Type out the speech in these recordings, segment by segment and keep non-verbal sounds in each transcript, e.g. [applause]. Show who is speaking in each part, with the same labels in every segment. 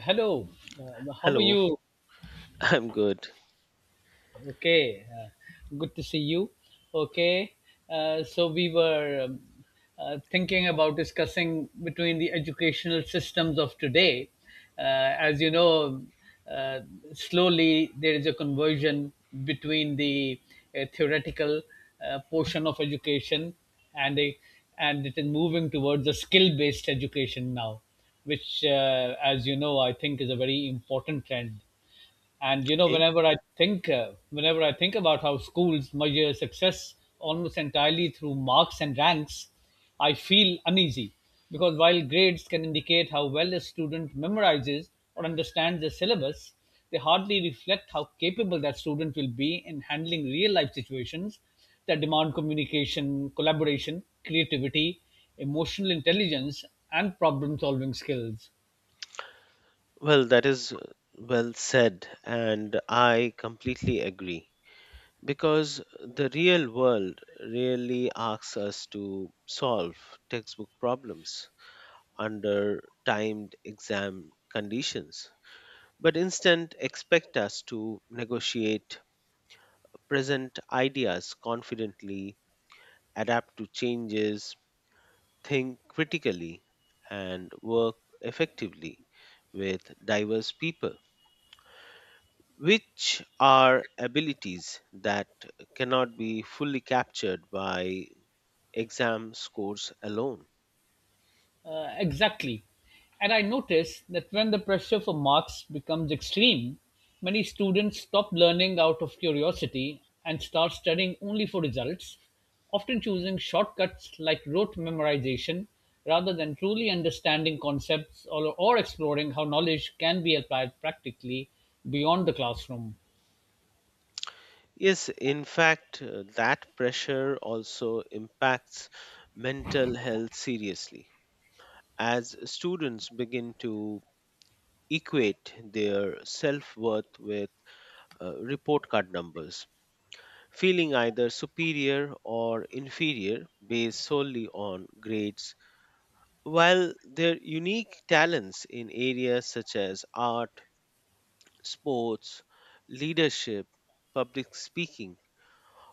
Speaker 1: Hello, how are
Speaker 2: Hello,
Speaker 1: you?
Speaker 2: [laughs] I'm good.
Speaker 1: Okay, good to see you. Okay, so we were thinking about discussing between the educational systems of today. As you know, uh, slowly there is a conversion between the theoretical portion of education and a, and it is moving towards a skill-based education now, which, as you know, I think is a very important trend. And you know
Speaker 2: Okay.
Speaker 1: whenever think uh, I think about how schools measure success almost entirely through marks and ranks, I feel uneasy, because while grades can indicate how well a student memorizes or understands the syllabus, they hardly reflect how capable that student will be in handling real life situations that demand communication, collaboration, creativity, emotional intelligence, and problem solving skills.
Speaker 2: Well, that is well said, and I completely agree. Because the real world really asks us to solve textbook problems under timed exam conditions, but instead expect us to negotiate present ideas confidently, adapt to changes, think critically, and work effectively with diverse people which are abilities that cannot be fully captured by exam scores alone.
Speaker 1: Exactly. And I noticed that when the pressure for marks becomes extreme, many students stop learning out of curiosity and start studying only for results, often choosing shortcuts like rote memorization rather than truly understanding concepts or exploring how knowledge can be applied practically beyond the classroom.
Speaker 2: Yes, in fact, that pressure also impacts mental health seriously as students begin to equate their self worth with report card numbers, feeling either superior or inferior based solely on grades while their unique talents in areas such as art, sports, leadership, public speaking,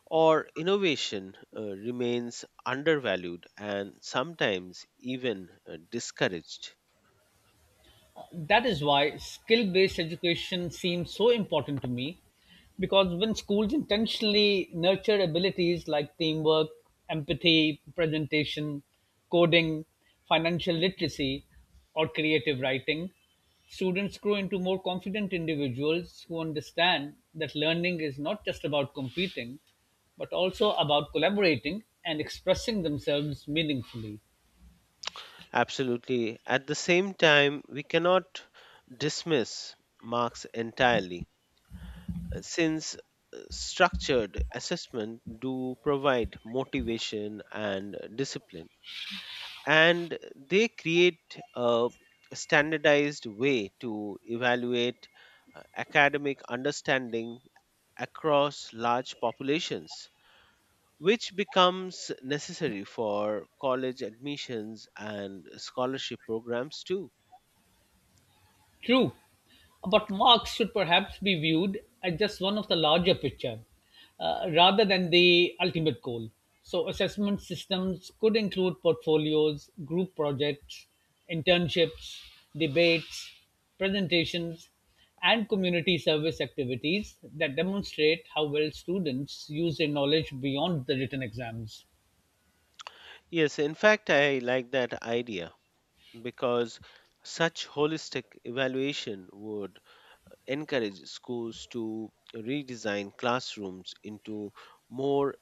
Speaker 2: or innovation remains undervalued and sometimes even discouraged.
Speaker 1: That is why skill based education seems so important to me, because when schools intentionally nurture abilities like teamwork, empathy, presentation, coding, financial literacy, or creative writing, students grow into more confident individuals who understand that learning is not just about competing, but also about collaborating and expressing themselves meaningfully.
Speaker 2: Absolutely. At the same time, we cannot dismiss marks entirely since structured assessment do provide motivation and discipline and they create a standardized way to evaluate academic understanding across large populations which becomes necessary for college admissions and scholarship programs too.
Speaker 1: True, but Marx should perhaps be viewed as just one of the larger picture, rather than the ultimate goal. So, assessment systems could include portfolios, group projects, internships, debates, presentations, and community service activities that demonstrate how well students use their knowledge beyond the written exams.
Speaker 2: Yes, in fact, I like that idea because such holistic evaluation would encourage schools to redesign classrooms into more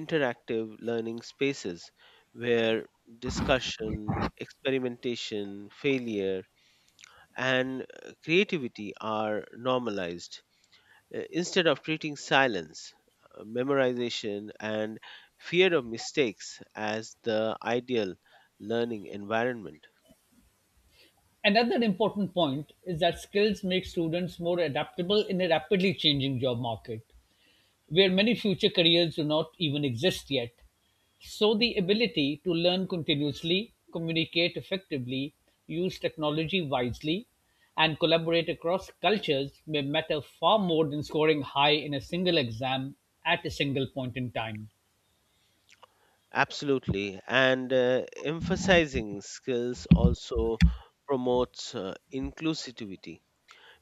Speaker 2: interactive learning spaces where discussion, experimentation, failure, and creativity are normalized, instead of treating silence, memorization, and fear of mistakes as the ideal learning environment.
Speaker 1: Another important point is that skills make students more adaptable in a rapidly changing job market, where many future careers do not even exist yet. So, the ability to learn continuously, communicate effectively, use technology wisely, and collaborate across cultures may matter far more than scoring high in a single exam at a single point in time.
Speaker 2: Absolutely. And emphasizing skills also promotes inclusivity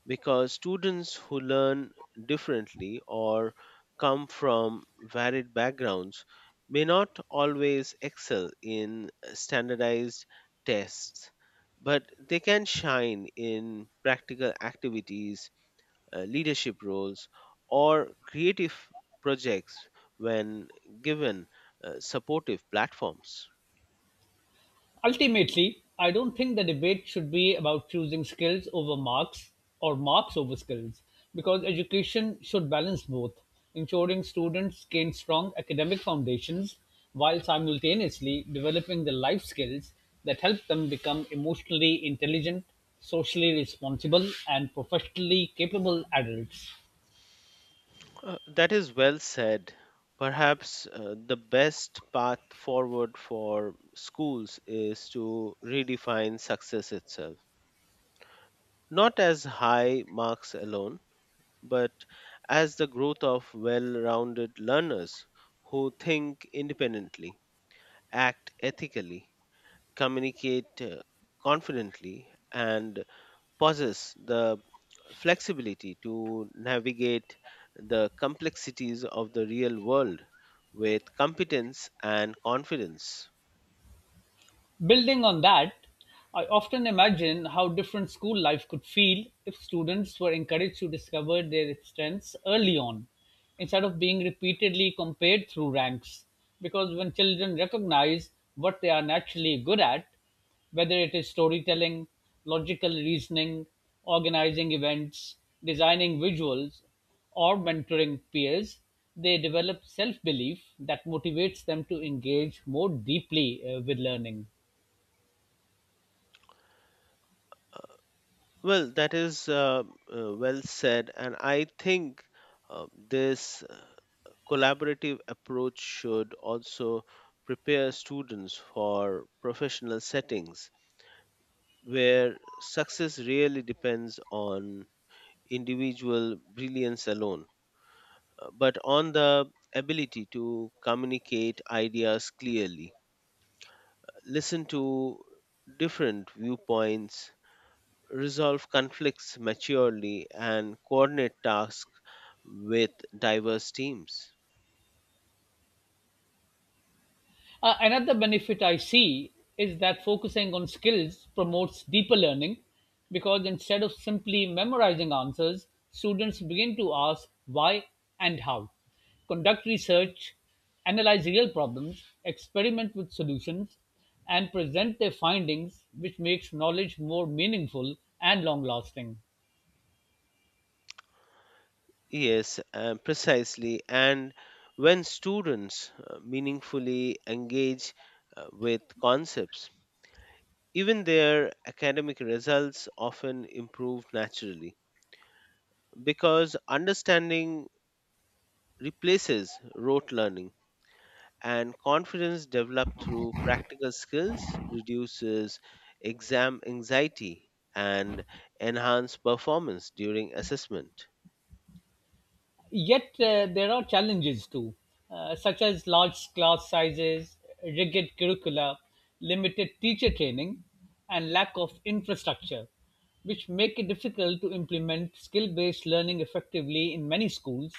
Speaker 2: because students who learn differently or come from varied backgrounds may not always excel in standardized tests, but they can shine in practical activities, leadership roles, or creative projects when given supportive platforms.
Speaker 1: Ultimately, I don't think the debate should be about choosing skills over marks or marks over skills, because education should balance both, ensuring students gain strong academic foundations while simultaneously developing the life skills that help them become emotionally intelligent, socially responsible, and professionally capable adults.
Speaker 2: That is well said. Perhaps the best path forward for schools is to redefine success itself, not as high marks alone, but as the growth of well rounded learners who think independently, act ethically, communicate confidently, and possess the flexibility to navigate the complexities of the real world with competence and confidence.
Speaker 1: Building on that, I often imagine how different school life could feel if students were encouraged to discover their strengths early on, instead of being repeatedly compared through ranks. Because when children recognize what they are naturally good at, whether it is storytelling, logical reasoning, organizing events, designing visuals, or mentoring peers, they develop self belief that motivates them to engage more deeply with learning.
Speaker 2: Well, that is well said, and I think this collaborative approach should also prepare students for professional settings where success really depends on individual brilliance alone, but on the ability to communicate ideas clearly, listen to different viewpoints, resolve conflicts maturely, and coordinate tasks with diverse teams.
Speaker 1: Another benefit I see is that focusing on skills promotes deeper learning, because instead of simply memorizing answers, students begin to ask why and how, conduct research, analyze real problems, experiment with solutions, and present their findings, which makes knowledge more meaningful and long lasting.
Speaker 2: Yes, precisely. And when students meaningfully engage with concepts, even their academic results often improve naturally because understanding replaces rote learning and confidence developed through practical skills reduces exam anxiety and enhance performance during assessment.
Speaker 1: Yet there are challenges too, such as large class sizes, rigid curricula, limited teacher training, and lack of infrastructure, which make it difficult to implement skill based learning effectively in many schools,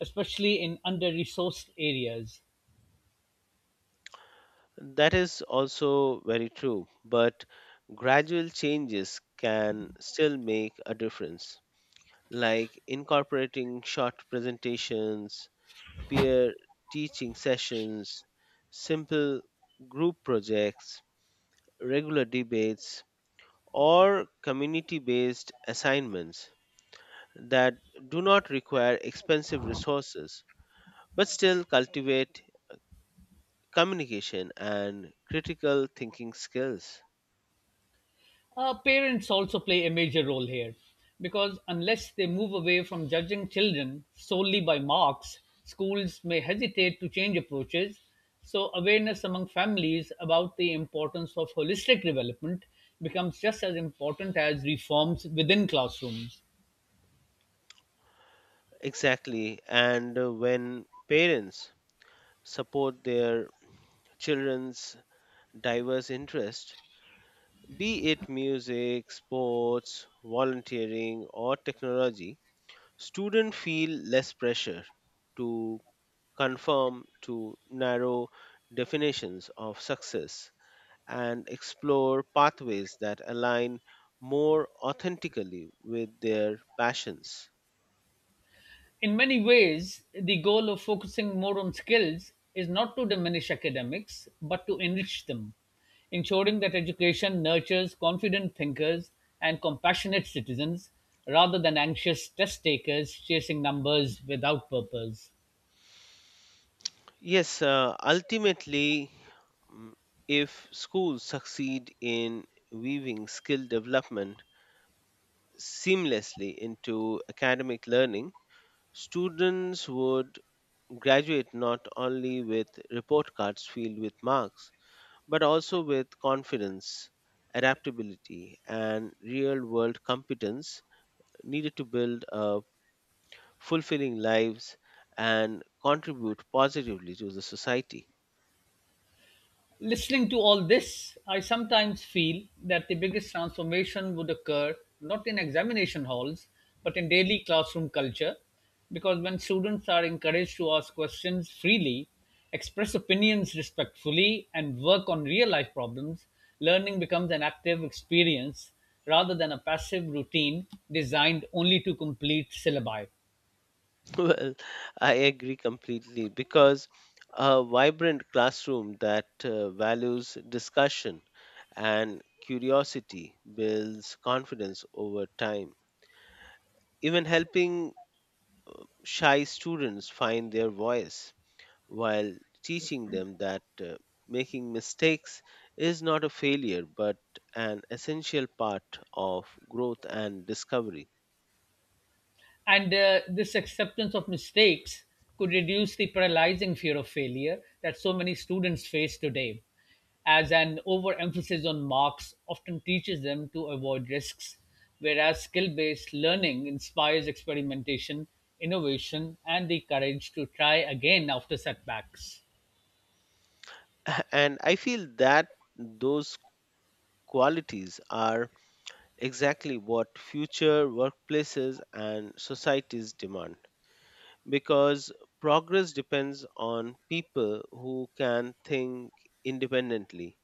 Speaker 1: especially in under resourced areas.
Speaker 2: That is also very true, but gradual changes can still make a difference, like incorporating short presentations, peer teaching sessions, simple group projects, regular debates, or community based assignments that do not require expensive resources but still cultivate communication and critical thinking skills.
Speaker 1: Parents also play a major role here, because unless they move away from judging children solely by marks, schools may hesitate to change approaches. So, awareness among families about the importance of holistic development becomes just as important as reforms within classrooms.
Speaker 2: Exactly. And when parents support their children's diverse interests, be it music, sports, volunteering, or technology, students feel less pressure to conform to narrow definitions of success and explore pathways that align more authentically with their passions.
Speaker 1: In many ways, the goal of focusing more on skills is not to diminish academics, but to enrich them, ensuring that education nurtures confident thinkers and compassionate citizens rather than anxious test takers chasing numbers without purpose.
Speaker 2: Yes, ultimately, mm, if schools succeed in weaving skill development seamlessly into academic learning, students would graduate not only with report cards filled with marks, but also with confidence, adaptability, and real world competence needed to build fulfilling lives and contribute positively to the society.
Speaker 1: Listening to all this, I sometimes feel that the biggest transformation would occur not in examination halls, but in daily classroom culture, because when students are encouraged to ask questions freely, express opinions respectfully, and work on real life problems, learning becomes an active experience rather than a passive routine designed only to complete syllabi.
Speaker 2: [laughs] Well, I agree completely because a vibrant classroom that values discussion and curiosity builds confidence over time, even helping shy students find their voice while teaching them that making mistakes is not a failure but an essential part of growth and discovery.
Speaker 1: And this acceptance of mistakes could reduce the paralyzing fear of failure that so many students face today, as an overemphasis on marks often teaches them to avoid risks, whereas skill based learning inspires experimentation, innovation, and the courage to try again after setbacks.
Speaker 2: [laughs] And I feel that those qualities are exactly what future workplaces and societies demand because progress depends on people who can think independently,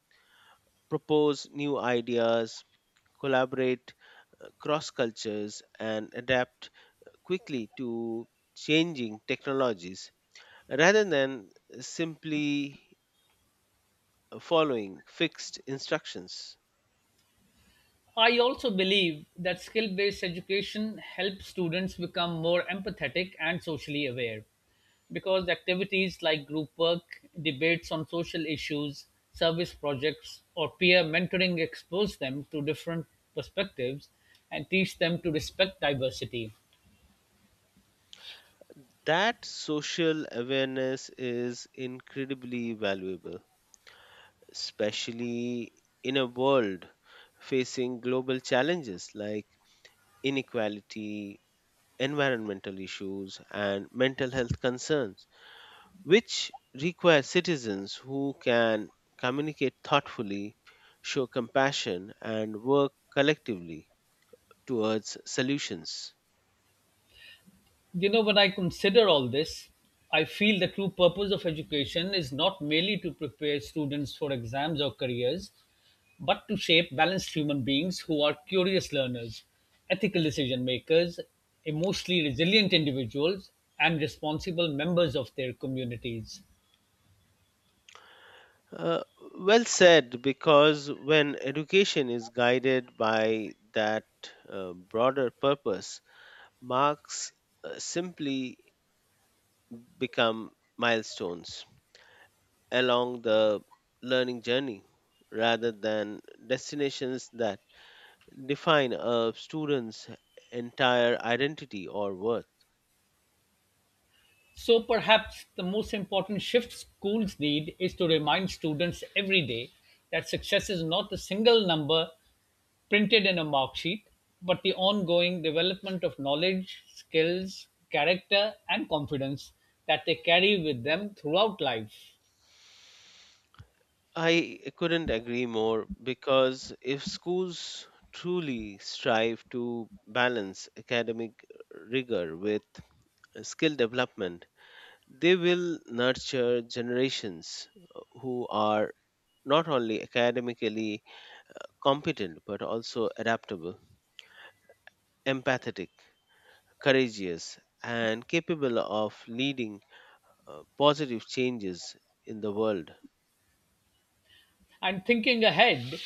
Speaker 2: propose new ideas, collaborate cross cultures, and adapt quickly to changing technologies rather than simply following fixed instructions.
Speaker 1: I also believe that skill based education helps students become more empathetic and socially aware, because activities like group work, debates on social issues, service projects, or peer mentoring expose them to different perspectives and teach them to respect diversity.
Speaker 2: That social awareness is incredibly valuable, especially in a world facing global challenges like inequality, environmental issues, and mental health concerns, which require citizens who can communicate thoughtfully, show compassion, and work collectively towards solutions.
Speaker 1: You know, when I consider all this, I feel the true purpose of education is not merely to prepare students for exams or careers, but to shape balanced human beings who are curious learners, ethical decision makers, emotionally resilient individuals, and responsible members of their communities.
Speaker 2: Uh, well said, because when education is guided by that broader purpose, marks simply become milestones along the learning journey rather than destinations that define a student's entire identity or worth.
Speaker 1: So, perhaps the most important shift schools need is to remind students every day that success is not a single number printed in a mark sheet, but the ongoing development of knowledge, skills, character, and confidence that they carry with them throughout life.
Speaker 2: I couldn't agree more because if schools truly strive to balance academic rigor with skill development, they will nurture generations who are not only academically competent but also adaptable, empathetic, courageous, and capable of leading positive changes in the world.
Speaker 1: And thinking ahead,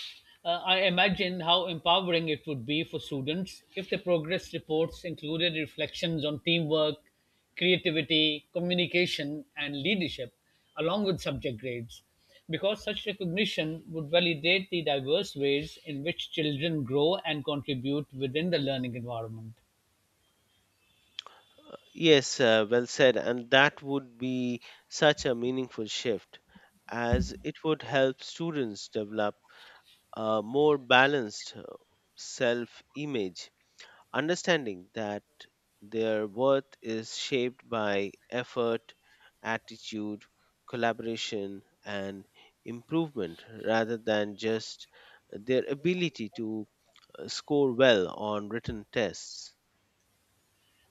Speaker 1: I imagine how empowering it would be for students if the progress reports included reflections on teamwork, creativity, communication, and leadership, along with subject grades, because such recognition would validate the diverse ways in which children grow and contribute within the learning environment.
Speaker 2: Yes, well said. And that would be such a meaningful shift as it would help students develop a more balanced self image understanding that their worth is shaped by effort, attitude, collaboration, and improvement rather than just their ability to score well on written tests.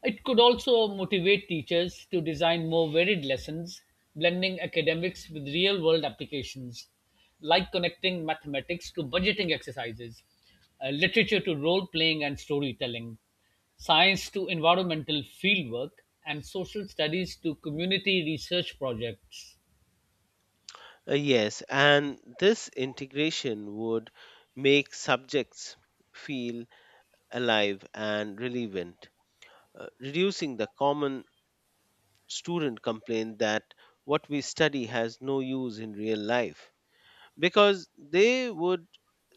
Speaker 1: It could also motivate teachers to design more varied lessons, blending academics with real world applications, like connecting mathematics to budgeting exercises, literature to role playing and storytelling, science to environmental fieldwork, and social studies to community research projects.
Speaker 2: Yes, and this integration would make subjects feel alive and relevant, reducing the common student complaint that what we study has no use in real life, because they would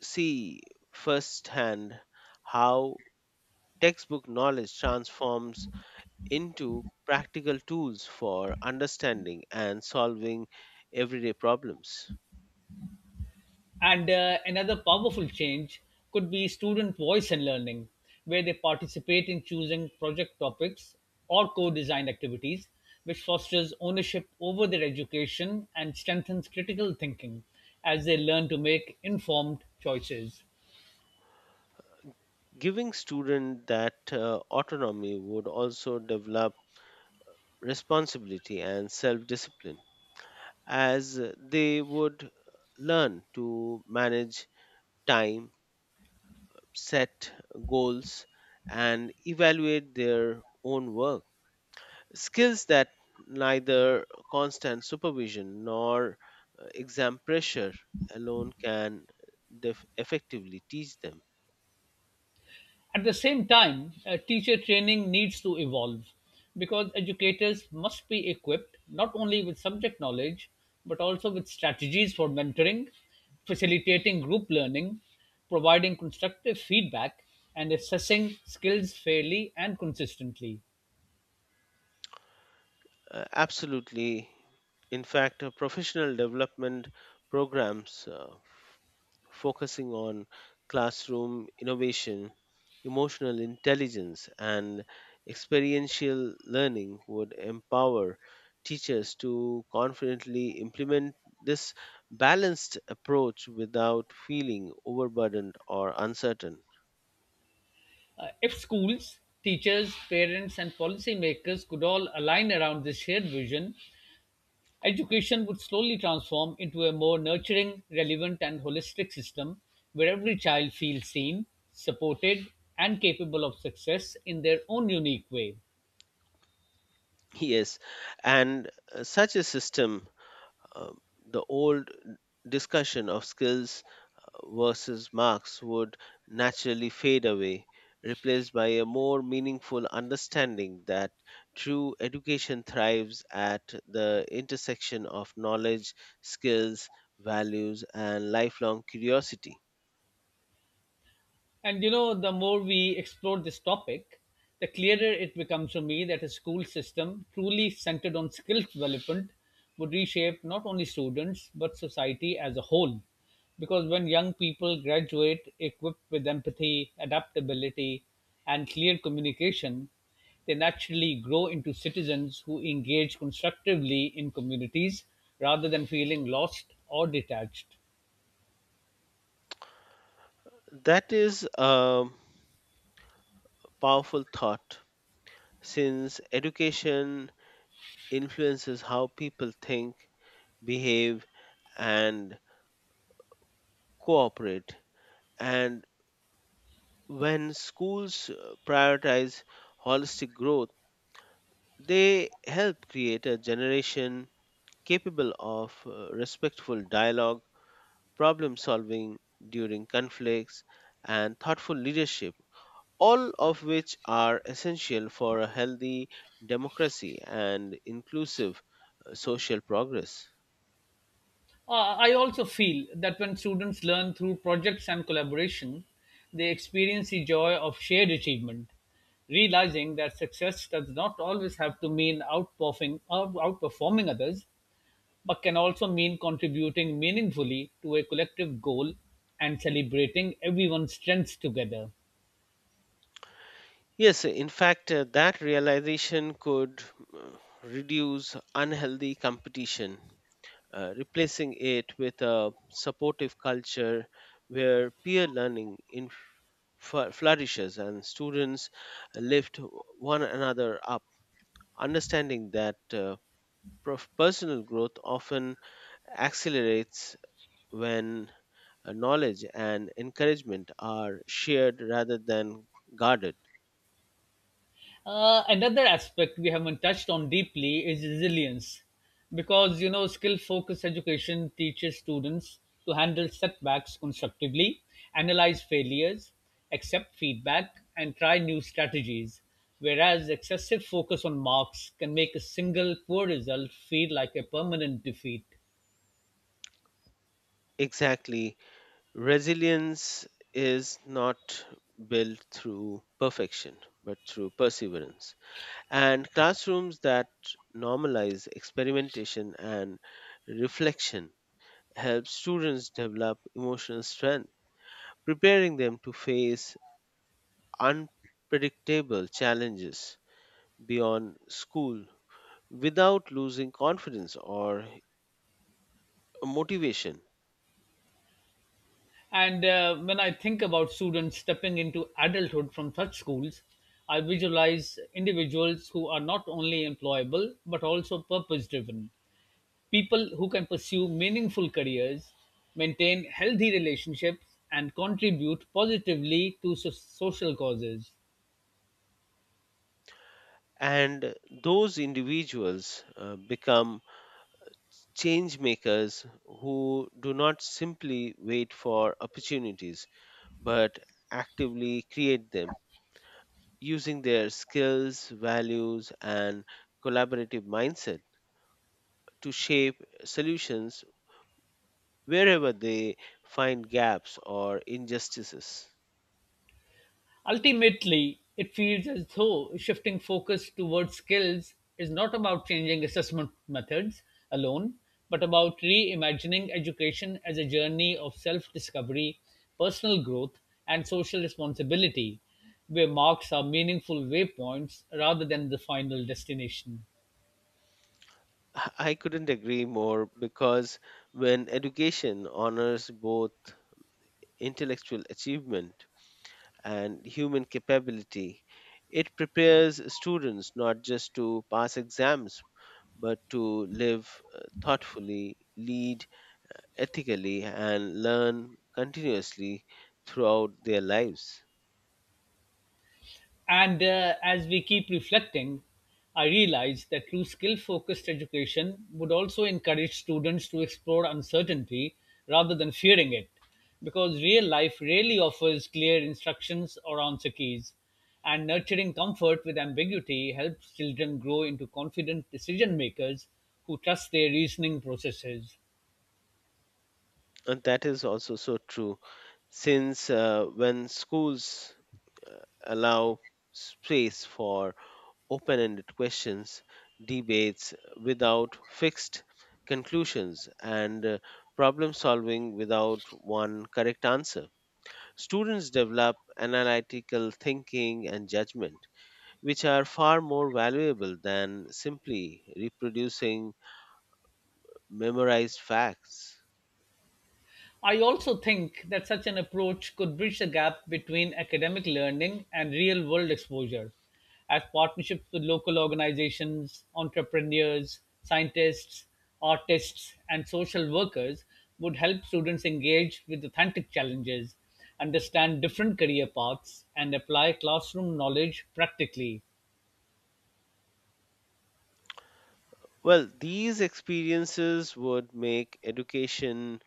Speaker 2: see firsthand how textbook knowledge transforms into practical tools for understanding and solving everyday problems.
Speaker 1: And another powerful change could be student voice and learning, where they participate in choosing project topics or co design activities, which fosters ownership over their education and strengthens critical thinking as they learn to make informed choices.
Speaker 2: Giving students that autonomy would also develop responsibility and self discipline as they would learn to manage time, set goals, and evaluate their own work. Skills that neither constant supervision nor exam pressure alone can effectively teach them.
Speaker 1: At the same time, teacher training needs to evolve, because educators must be equipped not only with subject knowledge but also with strategies for mentoring, facilitating group learning, providing constructive feedback, and assessing skills fairly and consistently.
Speaker 2: Absolutely. In fact, professional development programs focusing on classroom innovation, emotional intelligence, and experiential learning would empower teachers to confidently implement this balanced approach without feeling overburdened or uncertain.
Speaker 1: If schools, teachers, parents, and policymakers could all align around this shared vision, education would slowly transform into a more nurturing, relevant, and holistic system where every child feels seen, supported, and capable of success in their own unique way.
Speaker 2: [laughs] Yes, and such a system, uh, the old discussion of skills versus Marx would naturally fade away, replaced by a more meaningful understanding that true education thrives at the intersection of knowledge, skills, values, and lifelong curiosity.
Speaker 1: And you know, the more we explore this topic, the clearer it becomes to me that a school system truly centered on skill development would reshape not only students but society as a whole. Because when young people graduate equipped with empathy, adaptability, and clear communication, they naturally grow into citizens who engage constructively in communities rather than feeling lost or detached.
Speaker 2: That is a powerful thought since education influences how people think, behave, and cooperate, and when schools prioritize holistic growth, they help create a generation capable of respectful dialogue, problem solving during conflicts, and thoughtful leadership, all of which are essential for a healthy democracy and inclusive social progress.
Speaker 1: I also feel that when students learn through projects and collaboration, they experience the joy of shared achievement, realizing that success does not always have to mean outperforming others, but can also mean contributing meaningfully to a collective goal and celebrating everyone's strengths together.
Speaker 2: Yes, in fact, that realization could uh, reduce unhealthy competition, replacing it with a supportive culture where peer learning flourishes and students lift one another up, understanding that personal growth often accelerates when knowledge and encouragement are shared rather than guarded.
Speaker 1: Another aspect we haven't touched on deeply is resilience, because you know skill-focused education teaches students to handle setbacks constructively, analyze failures, accept feedback, and try new strategies, whereas excessive focus on marks can make a single poor result feel like a permanent defeat.
Speaker 2: Exactly, resilience is not built through perfection but through perseverance, and classrooms that normalize experimentation and reflection help students develop emotional strength, preparing them to face unpredictable challenges beyond school without losing confidence or motivation.
Speaker 1: And when I think about students stepping into adulthood from such schools, I visualize individuals who are not only employable but also purpose driven. People who can pursue meaningful careers, maintain healthy relationships, and contribute positively to social causes.
Speaker 2: And those individuals become change makers who do not simply wait for opportunities but actively create them using their skills, values, and collaborative mindset to shape solutions wherever they find gaps or injustices.
Speaker 1: Ultimately, it feels as though shifting focus towards skills is not about changing assessment methods alone, but about reimagining education as a journey of self discovery, personal growth, and social responsibility, where marks are meaningful waypoints rather than the final destination.
Speaker 2: [laughs] I couldn't agree more because when education honors both intellectual achievement and human capability, it prepares students not just to pass exams but to live thoughtfully, lead ethically, and learn continuously throughout their lives.
Speaker 1: And as we keep reflecting, I realize that through skill focused education would also encourage students to explore uncertainty rather than fearing it, because real life rarely offers clear instructions or answer keys. And nurturing comfort with ambiguity helps children grow into confident decision makers who trust their reasoning processes.
Speaker 2: And that is also so true since when schools uh, allow space for open ended questions, debates without fixed conclusions, and problem solving without one correct answer, students develop analytical thinking and judgment, which are far more valuable than simply reproducing memorized facts.
Speaker 1: I also think that such an approach could bridge the gap between academic learning and real world exposure, as partnerships with local organizations, entrepreneurs, scientists, artists, and social workers would help students engage with authentic challenges, understand different career paths, and apply classroom knowledge practically.
Speaker 2: Well, these experiences would make education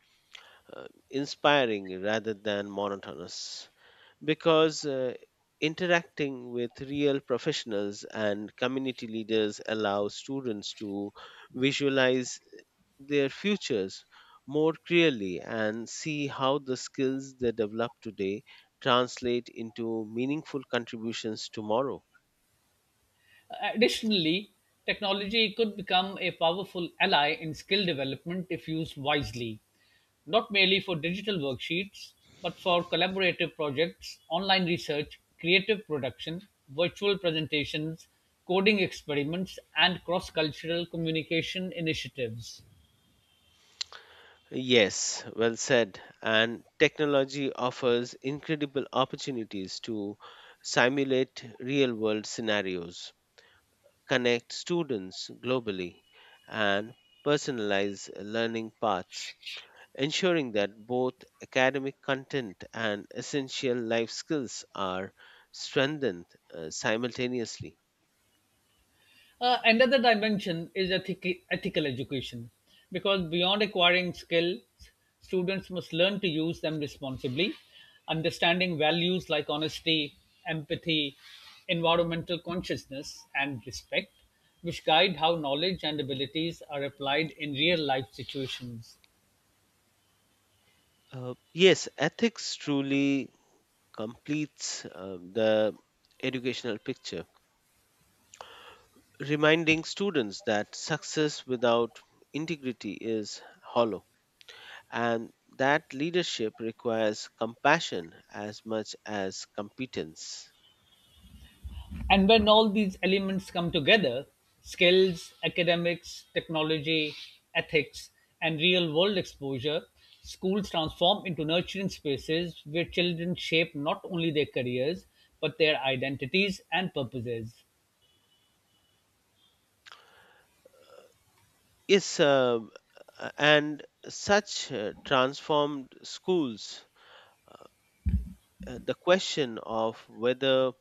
Speaker 2: inspiring rather than monotonous because interacting with real professionals and community leaders allows students to visualize their futures more clearly and see how the skills they develop today translate into meaningful contributions tomorrow.
Speaker 1: Additionally, technology could become a powerful ally in skill development if used wisely, not merely for digital worksheets, but for collaborative projects, online research, creative production, virtual presentations, coding experiments, and cross cultural communication initiatives.
Speaker 2: Yes, well said. And technology offers incredible opportunities to simulate real world scenarios, connect students globally, and personalize learning paths, ensuring that both academic content and essential life skills are strengthened simultaneously.
Speaker 1: Another dimension is ethical education, because beyond acquiring skills, students must learn to use them responsibly, understanding values like honesty, empathy, environmental consciousness, and respect, which guide how knowledge and abilities are applied in real life situations.
Speaker 2: Yes, ethics truly completes the educational picture, reminding students that success without integrity is hollow and that leadership requires compassion as much as competence.
Speaker 1: And when all these elements come together, skills, academics, technology, ethics, and real world exposure, schools transform into nurturing spaces where children shape not only their careers but their identities and purposes.
Speaker 2: Yes, and such transformed schools, the question of whether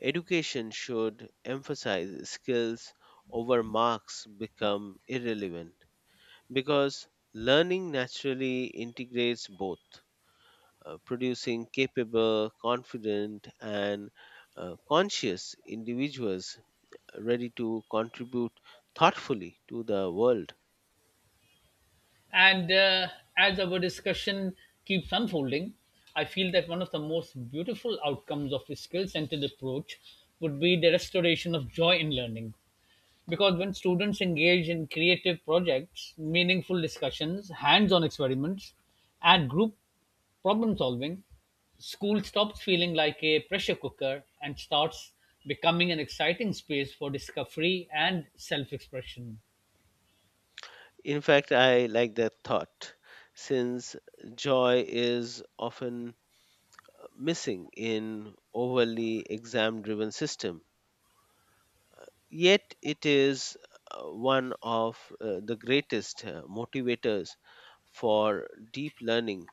Speaker 2: education should emphasize skills over marks become irrelevant because learning naturally integrates both, producing capable, confident, and conscious individuals ready to contribute thoughtfully to the world.
Speaker 1: And as our discussion keeps unfolding, I feel that one of the most beautiful outcomes of a skill centered approach would be the restoration of joy in learning, because when students engage in creative projects, meaningful discussions, hands on experiments, and group problem solving, school stops feeling like a pressure cooker and starts becoming an exciting space for discovery and self expression.
Speaker 2: In fact, I like that thought since joy is often missing in overly exam driven system, yet it is one of the greatest motivators for deep learning,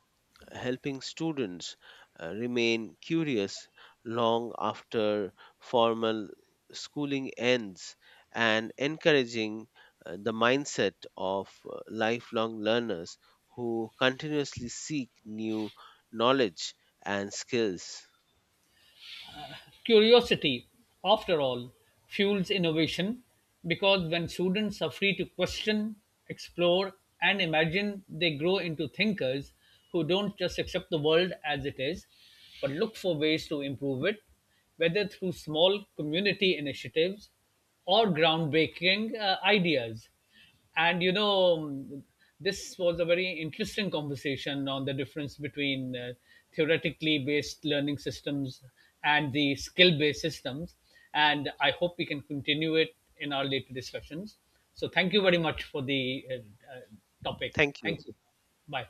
Speaker 2: helping students remain curious long after formal schooling ends and encouraging the mindset of lifelong learners who continuously seek new knowledge and skills.
Speaker 1: Curiosity, after all, fuels innovation, because when students are free to question, explore, and imagine, they grow into thinkers who don't just accept the world as it is, but look for ways to improve it, whether through small community initiatives or groundbreaking ideas. And this was a very interesting conversation on the difference between theoretically based learning systems and the skill based systems. And I hope we can continue it in our later discussions. So, thank you very much for the uh, topic.
Speaker 2: Thank you.
Speaker 1: Thank you. Bye.